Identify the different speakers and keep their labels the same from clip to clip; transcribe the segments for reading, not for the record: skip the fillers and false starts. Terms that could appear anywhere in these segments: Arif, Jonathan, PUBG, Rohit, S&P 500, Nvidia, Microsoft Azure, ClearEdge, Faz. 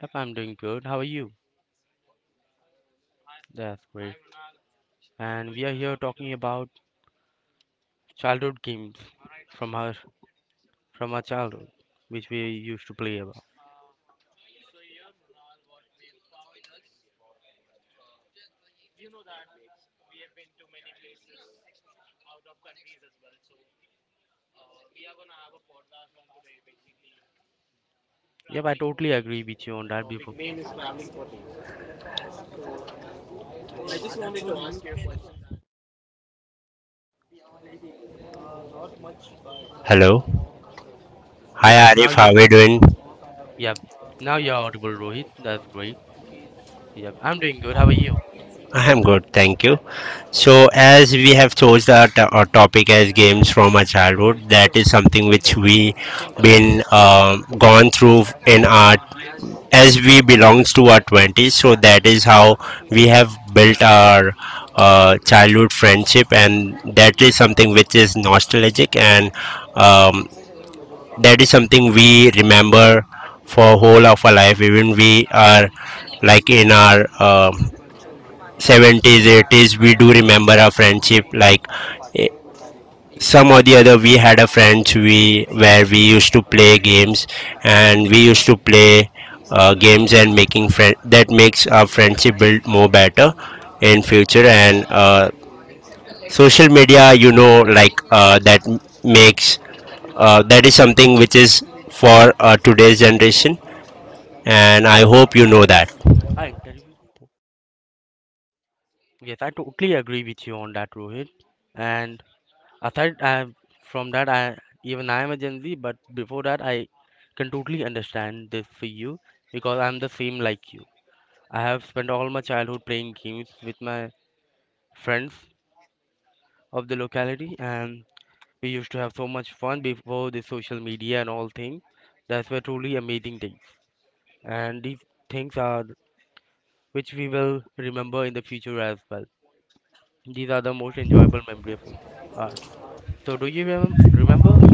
Speaker 1: Yep, I'm doing good. How are you? That's great. And we are here talking about childhood games from our from our childhood, which we used to play about. Yep, I totally agree with you on that before.
Speaker 2: Hello. Hi
Speaker 1: Yes, now
Speaker 2: Arif, how
Speaker 1: you're
Speaker 2: are we doing?
Speaker 1: yep. Now you're audible, Rohit. That's great. Yep, I'm doing good. How are you?
Speaker 2: I am good, thank you. So, as we have chose our topic as games from our childhood, that is something which we been gone through in our as we belongs to our twenties. So that is how we have built our childhood friendship, and that is something which is nostalgic and um, that is something we remember for whole of our life even we are like in our 70s 80s. We do remember our friendship like eh, some or the other we had a friends we where we used to play games, and we used to play games and making friend that makes our friendship build more better in future and social media, you know, like that makes that is something which is for today's generation, and I hope you know that.
Speaker 1: I interviewed. Yes, I totally agree with you on that, Rohit. And Aside I, from that, I even I am a Gen Z, but before that, I can totally understand this for you because I'm the same like you. I have spent all my childhood playing games with my friends of the locality, and we used to have so much fun before the social media and all things. That's were truly amazing things, and these things are which we will remember in the future as well. These are the most enjoyable memory of ours. So, do you remember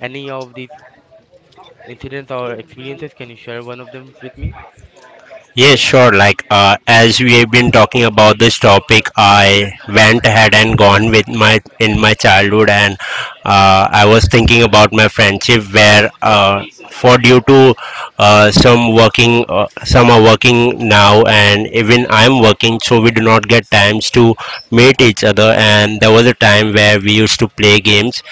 Speaker 1: any of these incidents or experiences? Can you share one of them with me?
Speaker 2: Yes, sure. Like as we have been talking about this topic, I went ahead and gone with my childhood, and I was thinking about my friendship where for due to some working, some are working now, and even I'm working, so we do not get times to meet each other. And there was a time where we used to play games,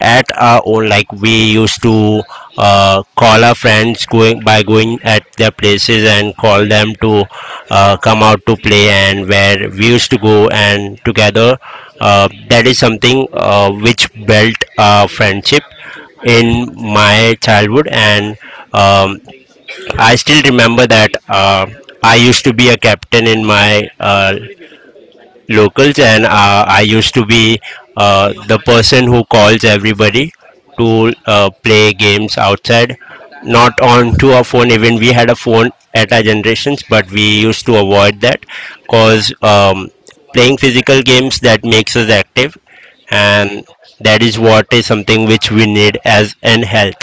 Speaker 2: at our own. Like we used to call our friends going by going at their places and call them to come out to play and where we used to go and together, that is something which built a friendship in my childhood and um, I still remember that I used to be a captain in my locals, and I used to be the person who calls everybody to play games outside, not on to a phone. Even we had a phone at our generations, but we used to avoid that because playing physical games, that makes us active,
Speaker 1: Mm-hmm.
Speaker 2: and that is what is something which we need as in health.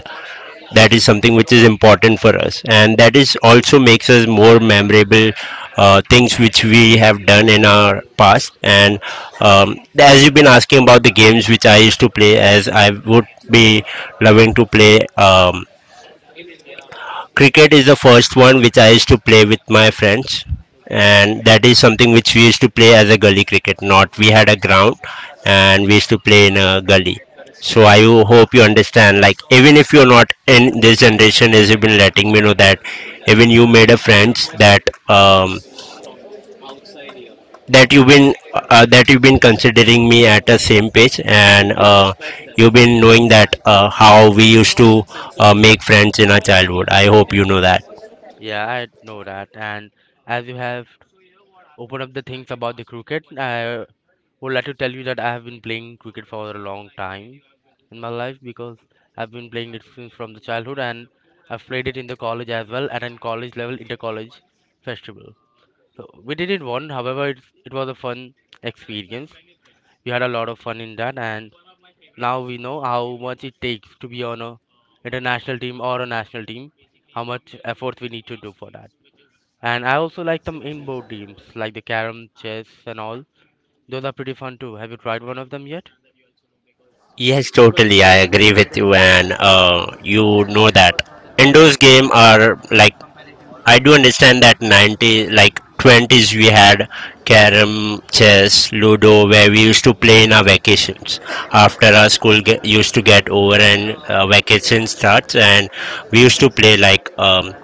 Speaker 2: That is something which is important for us, and that is also makes us more memorable things which we have done in our past and as you've been asking about the games which I used to play, as I would be loving to play cricket is the first one which I used to play with my friends, and that is something which we used to play as a gully cricket. Not we had a ground, and we used to play in a gully. So hope you understand. Like even if you're not in this generation, is you've been letting me know that even you made a friends that um, that you've been considering me at the same page, and you've been knowing that how we used to make friends in our childhood. I hope you know that.
Speaker 1: Yeah, I know that. And as you have opened up the things about the cricket, I would like to tell you that I have been playing cricket for a long time in my life because I've been playing it since from the childhood and I've played it in the college as well at an college level inter-college festival. So we did it one, however, it was a fun experience. We had a lot of fun in that. And now we know how much it takes to be on a international team or a national team, how much effort we need to do for that. And I also like some inboard games like the carom, chess, and all. Those are pretty fun too. Have you tried one of them yet?
Speaker 2: Yes, totally. I agree with you, and you know that indoors game are like, I do understand that 90 like 20s we had carom, chess, ludo, where we used to play in our vacations after our used to get over, and vacation starts, and we used to play like um,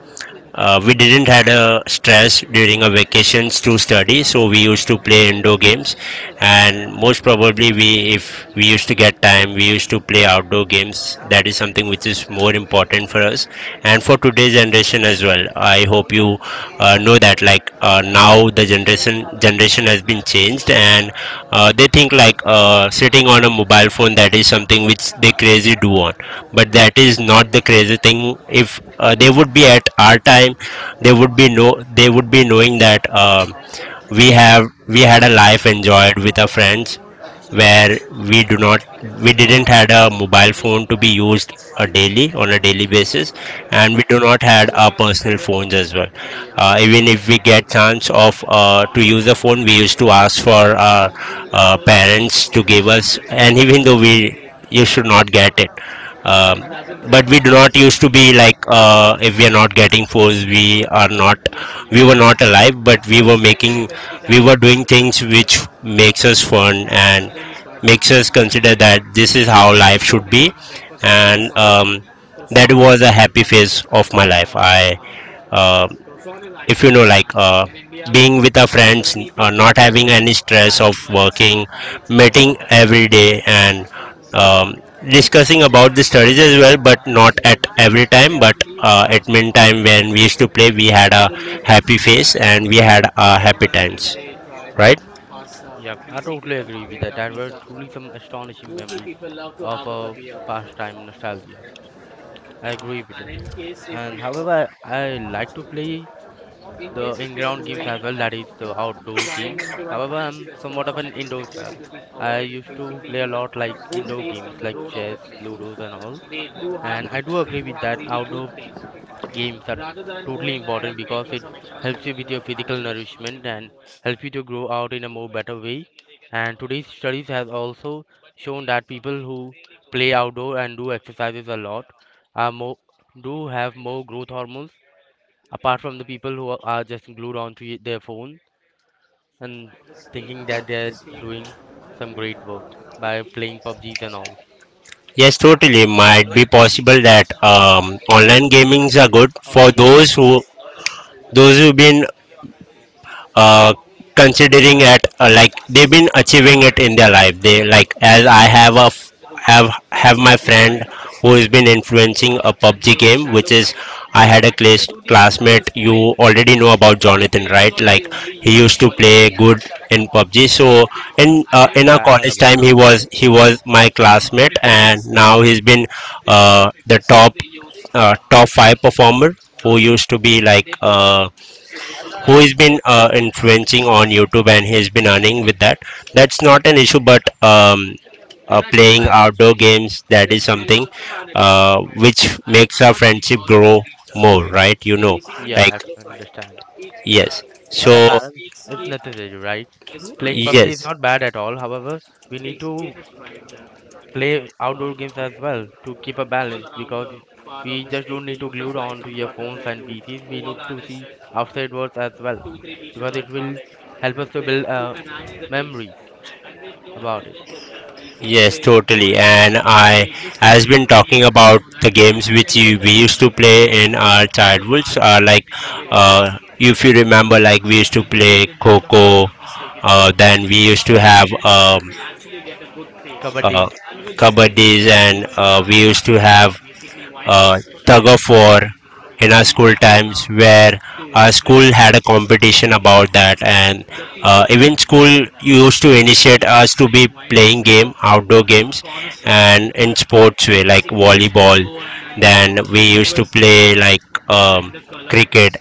Speaker 2: uh, we didn't had a stress during our vacations to study, so we used to play indoor games, and most probably we, if we used to get time, we used to play outdoor games. That is something which is more important for us, and for today's generation as well. I hope you know that like now the generation has been changed, and they think like sitting on a mobile phone, that is something which they crazy do on, but that is not the crazy thing. If they would be at our time, they would be no, they would be knowing that um, we have, we had a life enjoyed with our friends, where we do not, we didn't had a mobile phone to be used a daily on a daily basis, and we
Speaker 1: Mm-hmm.
Speaker 2: do not had our personal phones as well. Even if we get chance of to use a phone, we used to ask for our parents to give us, and even though we, you should not get it. Um, but we do not used to be like, if we are not getting fours, we are not, we were not alive. But we were making, we were doing things which makes us fun and makes us consider that this is how life should be, and that was a happy phase of my life. I. um if you know, like being with our friends, not having any stress of working, meeting every day, and um, discussing about the studies as well, but not at every time, but at meantime when we used to play, we had a happy face, and we had happy times, right?
Speaker 1: Yep, I totally agree with that. There were truly some astonishing memories of a pastime nostalgia. I agree with it. And however, I like to play the in-ground games as well, that is the outdoor games. However, I'm somewhat of an indoor child. I used to play a lot like indoor games like chess, ludos and all. And I do agree with that outdoor games are totally important because it helps you with your physical nourishment and helps you to grow out in a more better way. And today's studies has also shown that people who play outdoor and do exercises a lot are more do have more growth hormones apart from the people who are just glued onto their phone and thinking that they're doing some great work by playing PUBGs and all.
Speaker 2: Yes, totally. Might be possible that online gamings are good
Speaker 1: Oh,
Speaker 2: for
Speaker 1: अच्छा that.
Speaker 2: those who, those who've been uh, considering it, like they've been achieving it in their life. They like, as I have a f- have my friend who's been influencing a PUBG game, which is, I had a classmate, you already know about Jonathan, right? Like he used to play good in PUBG. So in our
Speaker 1: Yeah, I heard
Speaker 2: college
Speaker 1: about
Speaker 2: time,
Speaker 1: it.
Speaker 2: he was my classmate, and now he's been the top top five performer, who used to be like who has been influencing on YouTube, and he's been earning with that. That's not an issue, but playing outdoor games, that is something which makes our friendship grow more, right? You know,
Speaker 1: Yeah,
Speaker 2: like
Speaker 1: I can understand.
Speaker 2: yes.
Speaker 1: But a
Speaker 2: So
Speaker 1: balance is necessary, right? Playing PUBG is
Speaker 2: yes,
Speaker 1: not bad at all. However, we need to play outdoor games as well to keep a balance because we just don't need to glue on to your phones and PCs. We need to see outside worlds as well because it will help us to build memories about it.
Speaker 2: totally. And I has been talking about so the games which we used to play in our childhoods, like if you remember, like we used to play Coco, then we used to have
Speaker 1: Kabaddi.
Speaker 2: uh, kabaddis, and we used to have uh, tug of war in our school times, where our school had a competition about that, and even school used to initiate us to be playing game outdoor games, and in sports way like volleyball. Then we used to play like um, cricket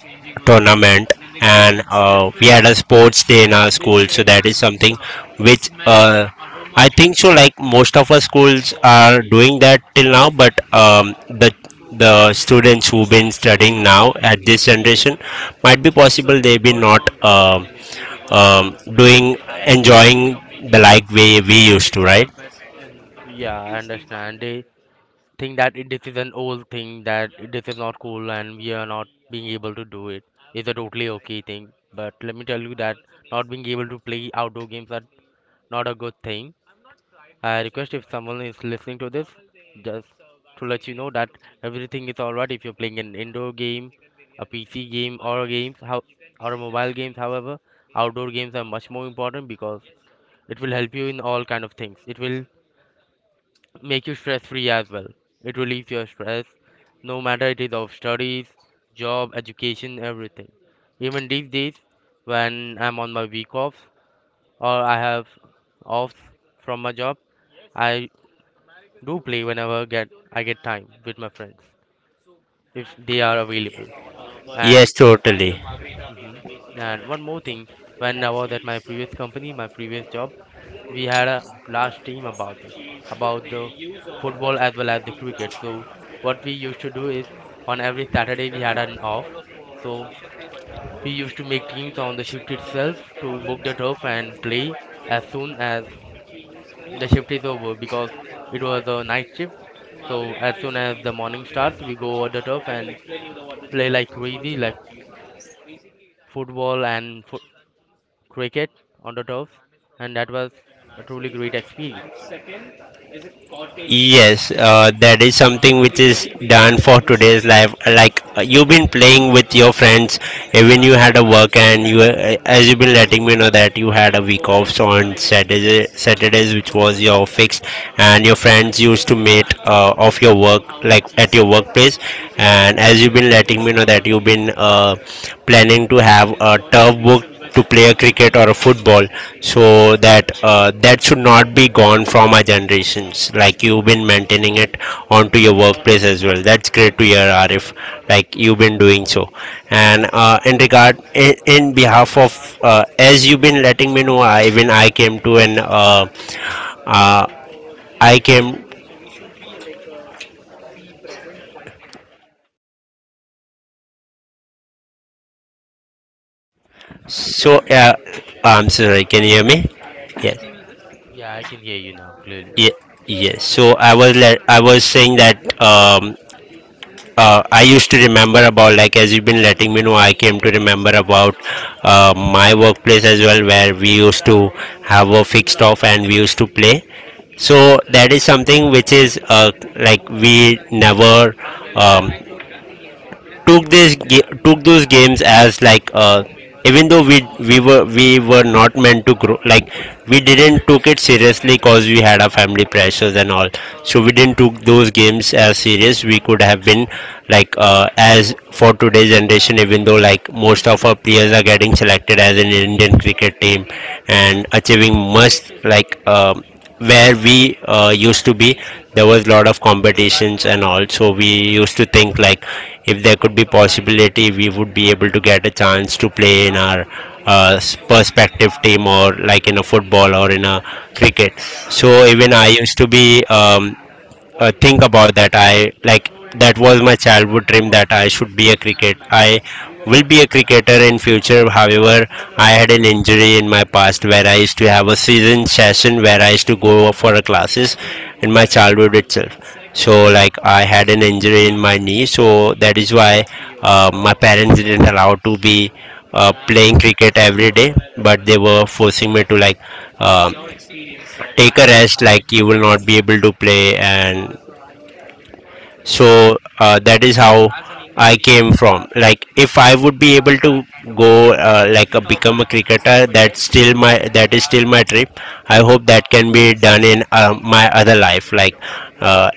Speaker 2: tournament, and we had a sports day in our school. So that is something which I think so, like most of our schools are doing that till now, but the the students who've been studying now at this generation, might be possible they be not um doing, enjoying the like way we used to, right?
Speaker 1: Yeah, I understand. They think that it, this is an old thing, that it- this is not cool, and we are not being able to do it. It's a totally okay thing. But let me tell you that not being able to play outdoor games are not a good thing. I request if someone is listening to this, just to let you know that everything is alright if you're playing an indoor game, a PC game, or a games, how or a mobile games. However, outdoor games are much more important because it will help you in all kind of things. It will make you stress free as well. It relieves your stress, no matter it is of studies, job, education, everything. Even these days, when I'm on my week offs or I have offs from my job, I do play whenever get I get time with my friends if they are available. And
Speaker 2: Yes, totally.
Speaker 1: mhm. And one more thing, when I was at my previous company, my previous job, we had a large team about this, about the football as well as the cricket. So what we used to do is on every Saturday we had an off. So we used to make teams on the shift itself to book the turf and play as soon as the shift is over because it was a night shift. So as soon as the morning starts, we go on the turf and play like crazy, like football and cricket on the turf. And that was a truly great experience.
Speaker 2: Yes, that is something which is done for today's life. Like you've been playing with your friends, even you had a work, and you, as you've been letting me know that you had a week off, so on Saturdays, which was your fixed, and your friends used to meet off your work, like at your workplace. And as you've been letting me know that you've been planning to have a turf book to play a cricket or a football, so that that should not be gone from our generations, like you've been maintaining it onto your workplace as well. That's great to hear, Arif, like you've been doing so. And in behalf of as you've been letting me know, I came to an uh, I came, so I'm sorry, can you hear me? Yes.
Speaker 1: Yeah, I can hear you now clearly.
Speaker 2: Yeah, yes. So I was saying that I used to remember about, like as you've been letting me know, I came to remember about my workplace as well, where we used to have a fixed off and we used to play. So that is something which is like we never um, took those games as like even though we were not meant to grow, like we didn't took it seriously cause we had our family pressures and all. So we didn't took those games as serious. We could have been like as for today's generation, even though, like, most of our players are getting selected as an Indian cricket team and achieving much, like where we used to be. There was a lot of competitions and all, so we used to think like, if there could be possibility, we would be able to get a chance to play in our perspective team or like in a football or in a cricket. So even
Speaker 1: Mhm.
Speaker 2: I used to be think about that. I, like, that was my childhood dream that I should be a cricket. I will be a cricketer in future. However, I had an injury in my past where I used to have a season session where I used to go for a classes in my childhood itself. So like I had an injury in my knee, so that is why my parents didn't allow to be playing cricket every day, but they were forcing me to, like, um take a rest, like you will not be able to play. And so that is how I came from, like, if I would be able to go become a cricketer. That is still my dream. I hope that can be done in my other life, like, uh,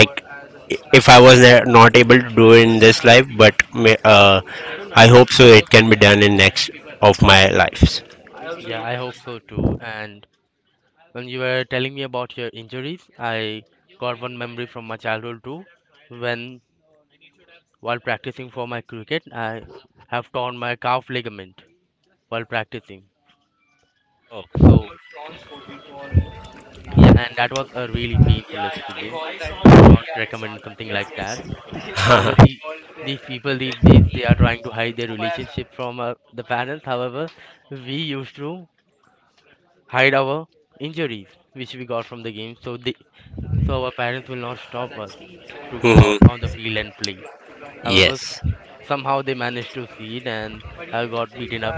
Speaker 2: like if I was not able to do in this life, but I hope so it can be done in next of my lives.
Speaker 1: Yeah, I hope so too. And when you were telling me about your injuries, I got one memory from my childhood too. When While practicing for my cricket, I have torn my calf ligament while practicing.
Speaker 2: Oh,
Speaker 1: So yeah, and that was a really painful experience. I do not recommend something like that. However, these people these days they are trying to hide their relationship from the parents. However, we used to hide our injuries which we got from the game, so they so our parents will not stop us to go out
Speaker 2: Mhm.
Speaker 1: on the field and play. However,
Speaker 2: Yes.
Speaker 1: somehow they managed to see it, and I got beaten up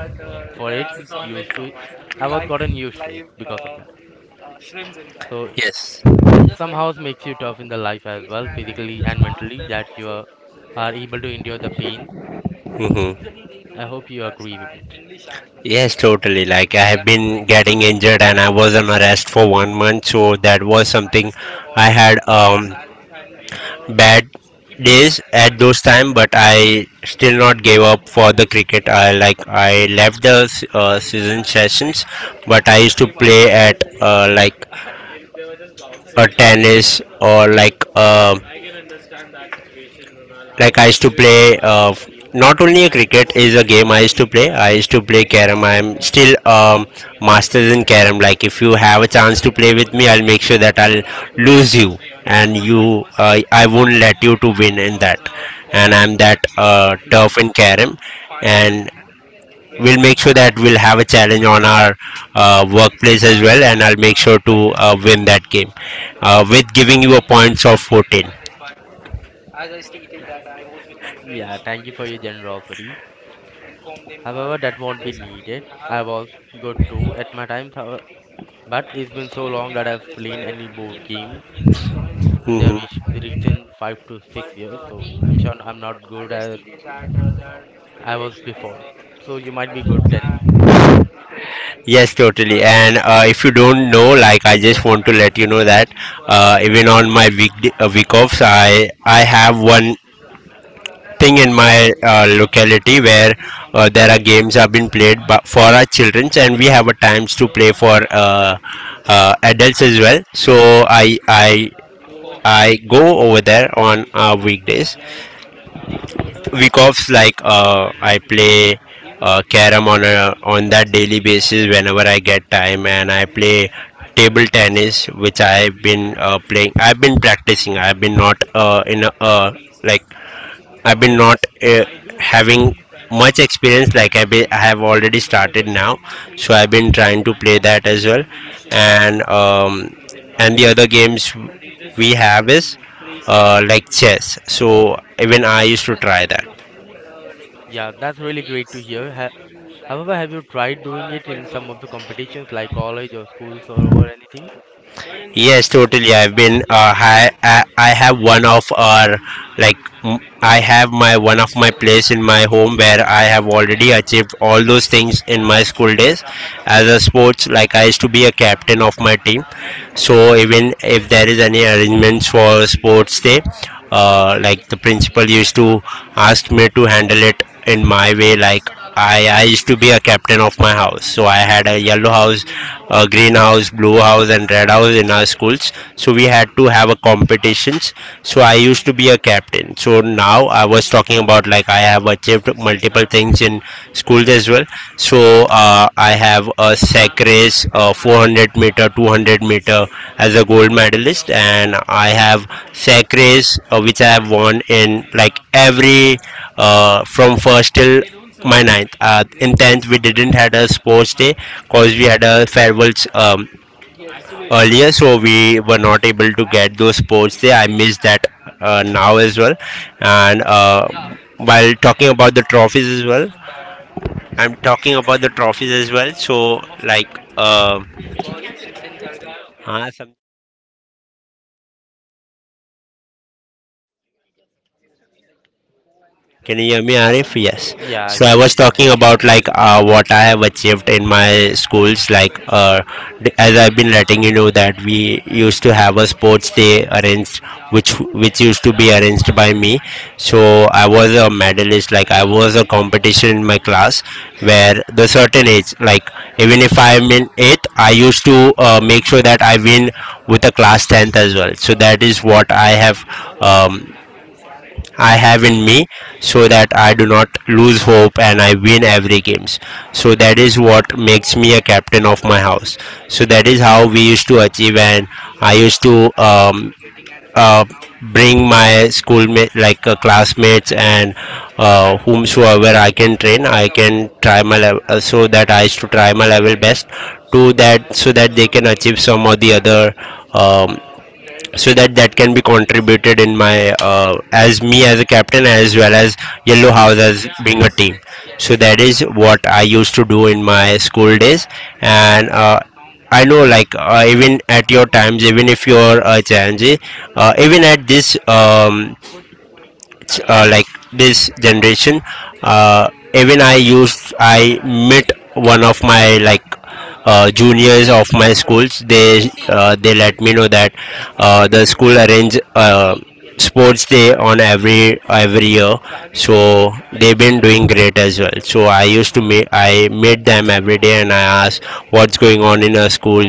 Speaker 1: for it. Used to, I was gotten used to it because of that. So
Speaker 2: Yes.
Speaker 1: it somehow makes you tough in the life as well, physically and mentally, that you are able to endure the pain.
Speaker 2: Hmm.
Speaker 1: I hope you agree with it.
Speaker 2: Yes, so, totally. Like I have been getting injured and I was on arrest for one month, so that was something. I had bad days at those time, but I still not gave up for the cricket. I, like, I left the season sessions, but I used to play at like a tennis or like I used to play not only a cricket is a game I used to play I used to play carom. I'm still masters in carom. Like if you have a chance to play with me, I'll make sure that I'll lose you, and you I won't let you to win in that. And I'm that tough in carom. And we'll make sure that we'll have a challenge on our workplace as well, and I'll make sure to win that game with giving you a points of 14.
Speaker 1: Yeah, thank you for your generosity. However, that won't be needed. I was good too at my time, but it's been so long that I've played any board games in the
Speaker 2: Mm-hmm.
Speaker 1: recent 5 to 6 years, so I'm sure I'm not good as I was before. So you might be good than me.
Speaker 2: Yes, totally. And if you don't know, like I just want to let you know that even on my week offs, I have one thing in my locality where there are games have been played for our childrens, and we have a times to play for adults as well. So I go over there on week offs, like I play carom on on that daily basis whenever I get time, and I play table tennis, which I've been playing, I've been practicing. I've been not, like I've been not having much experience, like I have already started now. So I've been trying to play that as well. And um, and the other games we have is like chess. So even I used to try that.
Speaker 1: Yeah, that's really great to hear. Ha However, have you tried doing it in some of the competitions like college or schools or over anything?
Speaker 2: Yes, totally. I've been. I have one of our, like. I have my one of my place in my home where I have already achieved all those things in my school days. As a sports, like I used to be a captain of my team. So even if there is any arrangements for sports day, like the principal used to ask me to handle it in my way. Like I used to be a captain of my house. So I had a yellow house, a green house, blue house, and red house in our schools. So we had to have a competitions. So I used to be a captain. So now I was talking about, like, I have achieved multiple things in schools as well. So I have a sack race, a 400 meter, 200-meter as a gold medalist, and I have sack race which I have won in like every, from first till my ninth. In 10th we didn't had a sports day because we had a farewells earlier, so we were not able to get those sports day. I miss that now as well. And while talking about the trophies as well, I'm talking about the trophies as well, so like, uh,
Speaker 1: Speed.
Speaker 2: हाँ. Can you hear me, Arif? Yes.
Speaker 1: Yeah, I
Speaker 2: So
Speaker 1: can
Speaker 2: I
Speaker 1: hear
Speaker 2: was
Speaker 1: you now.
Speaker 2: talking about, like, what I have achieved in my schools. Like as I've been letting you know that we used to have a sports day arranged, which which used to be arranged by me. So I was a medalist. Like I was a competition in my class, where the certain age, like even if I'm in eighth, I used to make sure that I win with a class tenth as well. So that is what um, I have in me, so that I do not lose hope and I win every games. So that is what makes me a captain of my house. So that is how we used to achieve. And I used to uh, bring my schoolmate, like classmates, and whomsoever I can train, I can try my level so that I used to try my level best to that so that they can achieve some or the other, um, so that that can be contributed in my, as me as a captain as well as yellow house
Speaker 1: Hmm.
Speaker 2: as being a team. So that is what I used to do in my school days. And I know, like even at your times, even if you're a change, even at this like this generation, even I met one of my, like juniors of my schools. They let me know that the school arrange sports day on every year. So they've been doing great as well. So I meet them every day, and I ask what's going on in our school,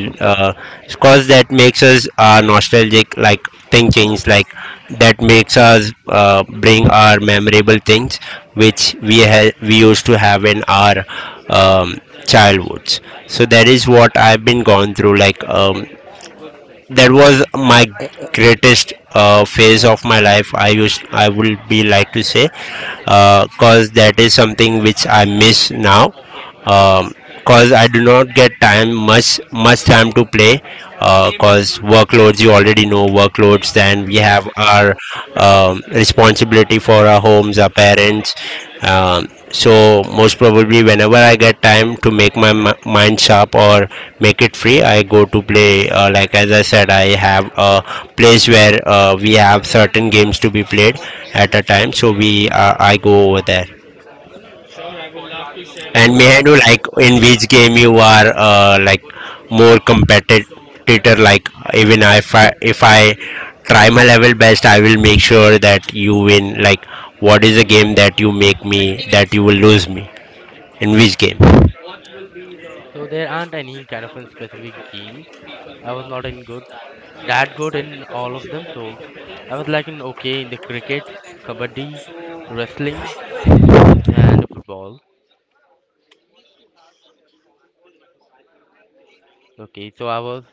Speaker 2: because that makes us nostalgic, like thing change, like that makes us bring our memorable things which we used to have in our um, childhoods. So that is what I've been gone through, like that was my greatest phase of my life, I would be like to say, because that is something which I miss now, because I do not get time, much, much time to play, because workloads, you already know, workloads, then we
Speaker 1: Yeah, I
Speaker 2: have
Speaker 1: understand.
Speaker 2: our responsibility for our homes, our parents. So most probably whenever I get time to make my mind sharp or make it free, I go to play, like as I said, I have a place where we have certain games to be played at a time, so we I go over there. And
Speaker 1: Yep,
Speaker 2: may I
Speaker 1: that.
Speaker 2: know, like, in which game you are like more competitor, like even if I try my level best, I will make sure that you win. Like what is the game that you make me, that you will lose me in which game?
Speaker 1: So there aren't any kind of specific games. I was not in good, that good in all of them. So I was like in okay in the cricket, kabaddi, wrestling, and football. Okay, so I was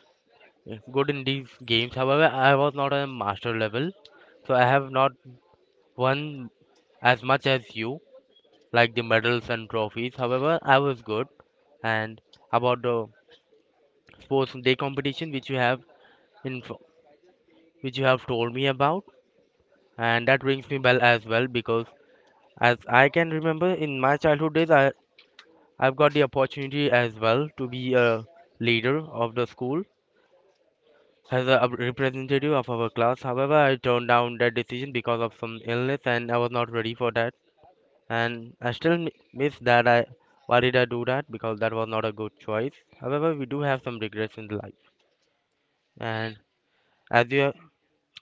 Speaker 1: good in these games. However, I was not on a master level, so I have not won as much as you, like the medals and trophies. However, I was good. And about the sports day competition, which you have in which you have told me about, and that rings me bell as well because as I can remember in my childhood days, I've got the opportunity as well to be a leader of the school as a representative of our class. However, I turned down that decision because of some illness and I was not ready for that. And I still miss that. I Why did I do that, because that was not a good choice. However, we do have some regrets in life, and as you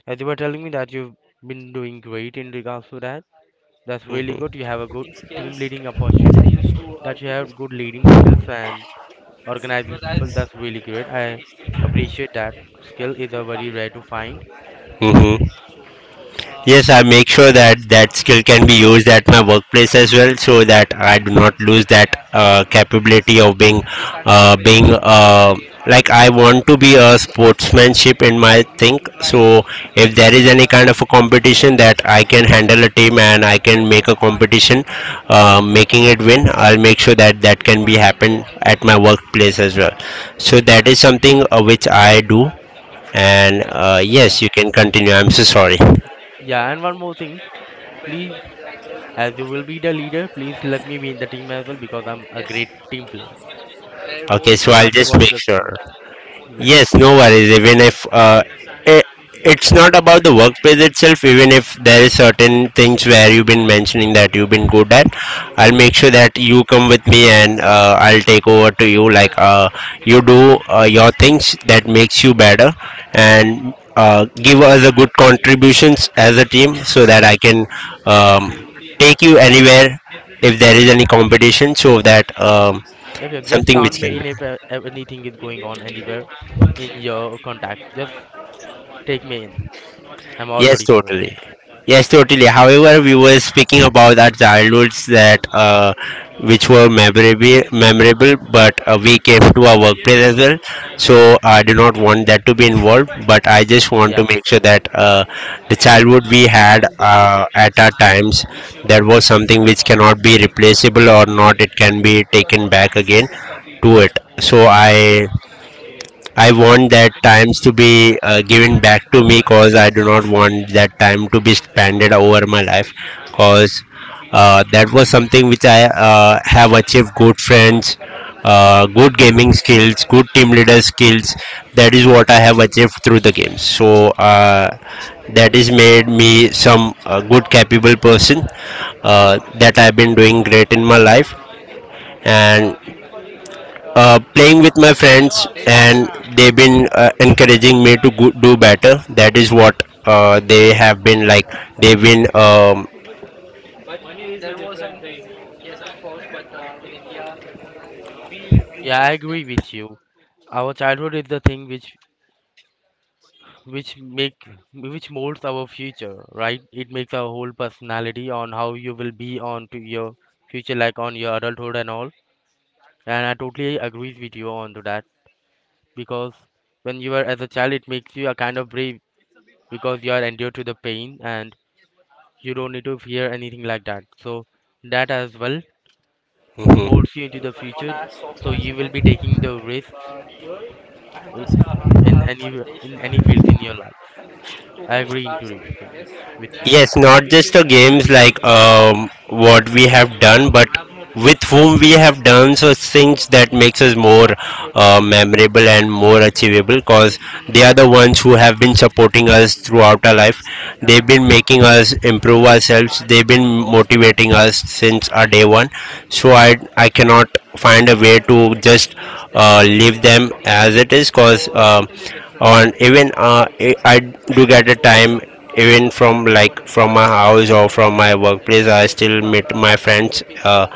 Speaker 1: as you were telling me that you've been doing great in regards to that, that's really good. You
Speaker 2: Mm-hmm.
Speaker 1: have a good team leading opportunity, that you have good leading skills and organizing people. That's really great. I appreciate that skill is a very rare to find.
Speaker 2: Mm-hmm. Yes, I make sure that that skill can be used at my workplace as well, so that I do not lose that capability of being, like I want to be a sportsmanship in my thing. So if there is any kind of a competition that I can handle a team and I can make a competition, making it win, I'll make sure that that can be happen at my workplace as well. So that is something which I do. And
Speaker 1: Yeah,
Speaker 2: yes, you can continue. I'm so sorry.
Speaker 1: yeah, and one more thing, please. As you will be the leader, please let me be in the team as well because I'm a great team player.
Speaker 2: Okay, so
Speaker 1: No
Speaker 2: I'll
Speaker 1: matter
Speaker 2: just
Speaker 1: what
Speaker 2: make
Speaker 1: the
Speaker 2: sure.
Speaker 1: situation. Yeah,
Speaker 2: Yes, no worries. Even if it, it's not about the workplace itself, even if there is certain things where you've been mentioning that you've been good at, I'll make sure that you come with me and I'll take over to you. Like you do your things that makes you better, and give us a good contributions as a team so that I can take you anywhere if there is any competition, so that
Speaker 1: yep, yep. Just
Speaker 2: something
Speaker 1: count
Speaker 2: which
Speaker 1: me
Speaker 2: can be.
Speaker 1: in if anything is going on anywhere in your contacts. Just take me in. I'm all
Speaker 2: Yes,
Speaker 1: ready for it.
Speaker 2: totally. Yes, totally. However, we were speaking about our childhoods that, which were memorable, memorable, but we came to our workplace as well. So I do not want that to be involved, but I just want to
Speaker 1: Yeah,
Speaker 2: make sure that the childhood we had at our times, that was something which cannot be replaceable or not. It can be taken back again to it. So I want that times to be given back to me, because I do not want that time to be spended over my life, because that was something which I have achieved good friends, good gaming skills, good team leader skills. That is what I have achieved through the games. So that has made me some good capable person that I've been doing great in my life and playing with my friends, and they've been encouraging me to do better. That is what they have been like. They've been,
Speaker 1: yeah, I agree with you. Our childhood is the thing which make which molds our future, right? It makes our whole personality on how you will be on to your future, like on your adulthood and all. And I totally agree with you on to that because when you are as a child, it makes you a kind of brave, because you are endured to the pain and you don't need to fear anything like that. So that as well
Speaker 2: mhm.
Speaker 1: molds you into the future. So you will be taking the risks in in any in any fields in your life. I agree into it for you with you.
Speaker 2: Yes, not just the games like what we have done, but with whom we have done so things that makes us more memorable and more achievable because they are the ones who have been supporting us throughout our life. They've been making us improve ourselves. They've been motivating us since our day one. So I cannot find a way to just leave them as it is. Because and even I do get a time, even from like from my house or from my workplace, I still meet my friends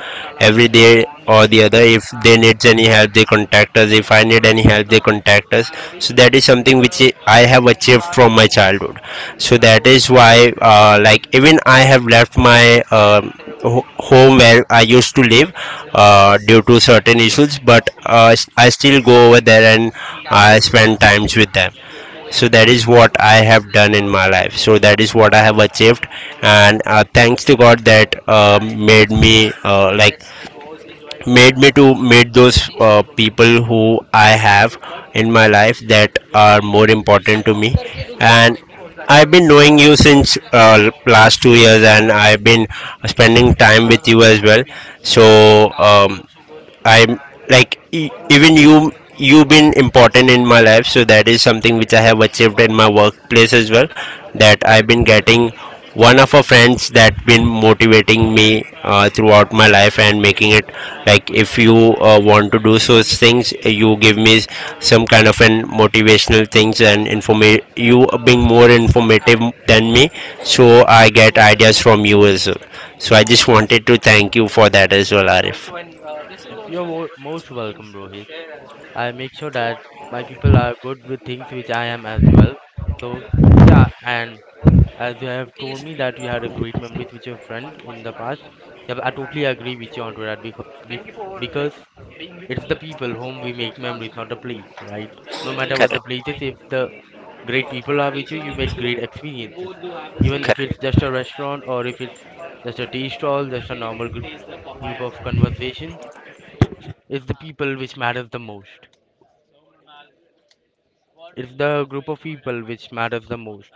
Speaker 2: every day or the other. If they need any help they contact us, if I need any help they contact us. So that is something which I have achieved from my childhood. So that is why like even I have left my home where I used to live, due to certain issues, but I still go over there and I spend times with them. So that is what I have done in my life. So that is what I have achieved, and thanks to God that made me like made me to meet those people who I have in my life that are more important to me. And I've been knowing you since last 2 years, and I've been spending time with you as well. So I'm like even you've been important in my life. So that is something which I have achieved in my workplace as well, that I've been getting one of our friends that been motivating me throughout my life and making it, like if you want to do such things, you give me some kind of an motivational things, and you being more informative than me, so I get ideas from you as well. So I just wanted to thank you for that as well, Arif.
Speaker 1: Yep, you're most welcome, Rohit. I make sure that my people are good with things which I am as well. So yeah, and as you have told me that you had a great memories with your friend in the past, yeah, I totally agree with you onto that because it's the people whom we make memories, not the place, right? No matter what
Speaker 2: Correct.
Speaker 1: the place is, if the great people are with you, you make great experiences. Even if
Speaker 2: Correct.
Speaker 1: it's just a restaurant or if it's just a tea stall, just a normal group of conversation, it's the people which matters the most. It's the group of people which matters the most.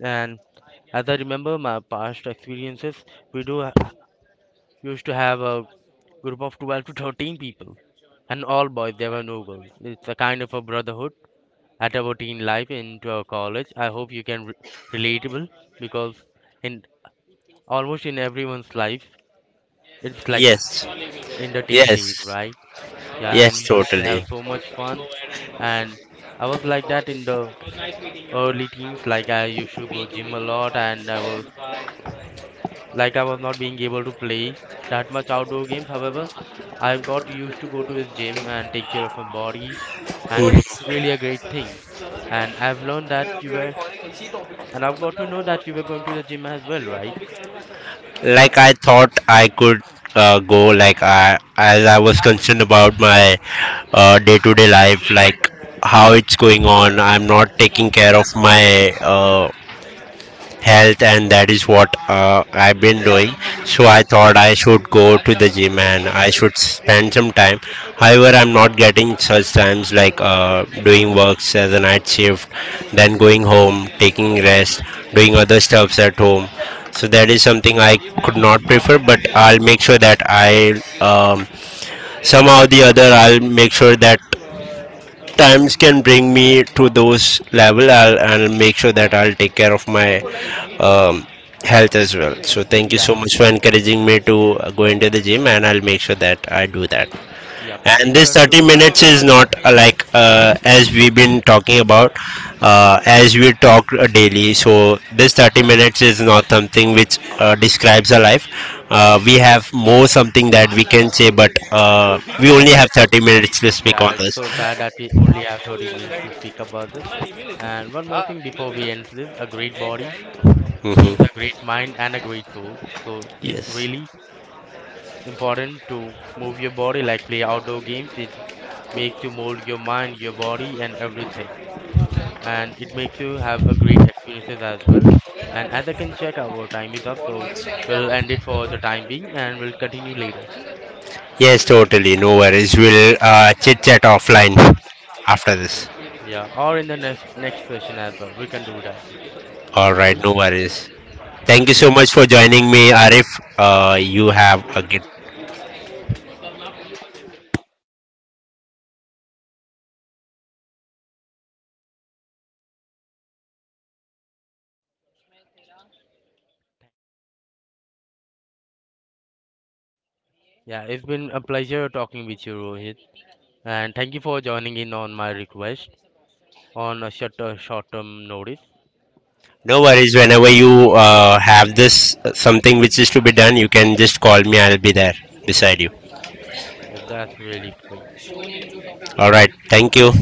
Speaker 1: And as I remember my past experiences, we do used to have a group of 12 to 13 people and all boys, there were no girls. It's a kind of a brotherhood at our teen life into our college. I hope you can relatable because in almost in everyone's life it's like that
Speaker 2: Yes.
Speaker 1: in the teen days,
Speaker 2: Yes.
Speaker 1: right? Yeah, and
Speaker 2: Yes,
Speaker 1: we used to have
Speaker 2: totally.
Speaker 1: so much fun, and I was like that in the early teens. Like I used to go gym a lot, and I was like I was not being able to play that much outdoor games. However, I've got used to go to the gym and take care of my body, and it's
Speaker 2: Mhm.
Speaker 1: really a great thing. And I've learned that you were and I've got to know that you were going to the gym as well, right?
Speaker 2: Like I thought I could go, like I as I was concerned about my day-to-day life, like how it's going on. I'm not taking care of my health, and that is what I've been doing. So I thought I should go to the gym and I should spend some time. However, I'm not getting such times, like doing works as a night shift, then going home, taking rest, doing other stuffs at home. So that is something I could not prefer, but I'll make sure that I um, somehow the other I'll make sure that times can bring me to those level. I'll make sure that I'll take care of my um, health as well. So thank you
Speaker 1: Yeah,
Speaker 2: so much for encouraging me to go into the gym, and I'll make sure that I do that.
Speaker 1: yep.
Speaker 2: And
Speaker 1: Make
Speaker 2: this
Speaker 1: sure to.
Speaker 2: 30 minutes is not as we've been talking about, as we talk daily. So this 30 minutes is not something which describes our life. Uh, We have more something that we can say, but we only have 30 minutes to speak
Speaker 1: Yeah,
Speaker 2: on
Speaker 1: it's
Speaker 2: this.
Speaker 1: so sad that we only have 30 minutes to speak about this. And one more thing before we end this, a great body means
Speaker 2: Mhm.
Speaker 1: a great mind and a great soul. So it's
Speaker 2: Yes.
Speaker 1: really important to move your body, like play outdoor games. It makes you mold your mind, your body, and everything. And it makes you have a great experiences as well. And as I can check, our time is up, so we'll end it for the time being and we'll continue later.
Speaker 2: Yes, totally. No worries. We'll chit chat offline after this.
Speaker 1: Yeah, or in the next session as well we can do it as well.
Speaker 2: All right.
Speaker 1: Okay.
Speaker 2: No worries. Thank you
Speaker 1: Yeah,
Speaker 2: so much for joining me, Arif. You have
Speaker 1: बहुत
Speaker 2: a
Speaker 1: थोड़ी
Speaker 2: good.
Speaker 1: के मैं- yeah, it's been a pleasure talking with you, Rohit. And thank you for joining in on my request on a short term notice.
Speaker 2: No worries. Whenever you have this something which is to be done, you can just call me. I'll be there beside you.
Speaker 1: Yeah, that's really great.
Speaker 2: All right. Thank you.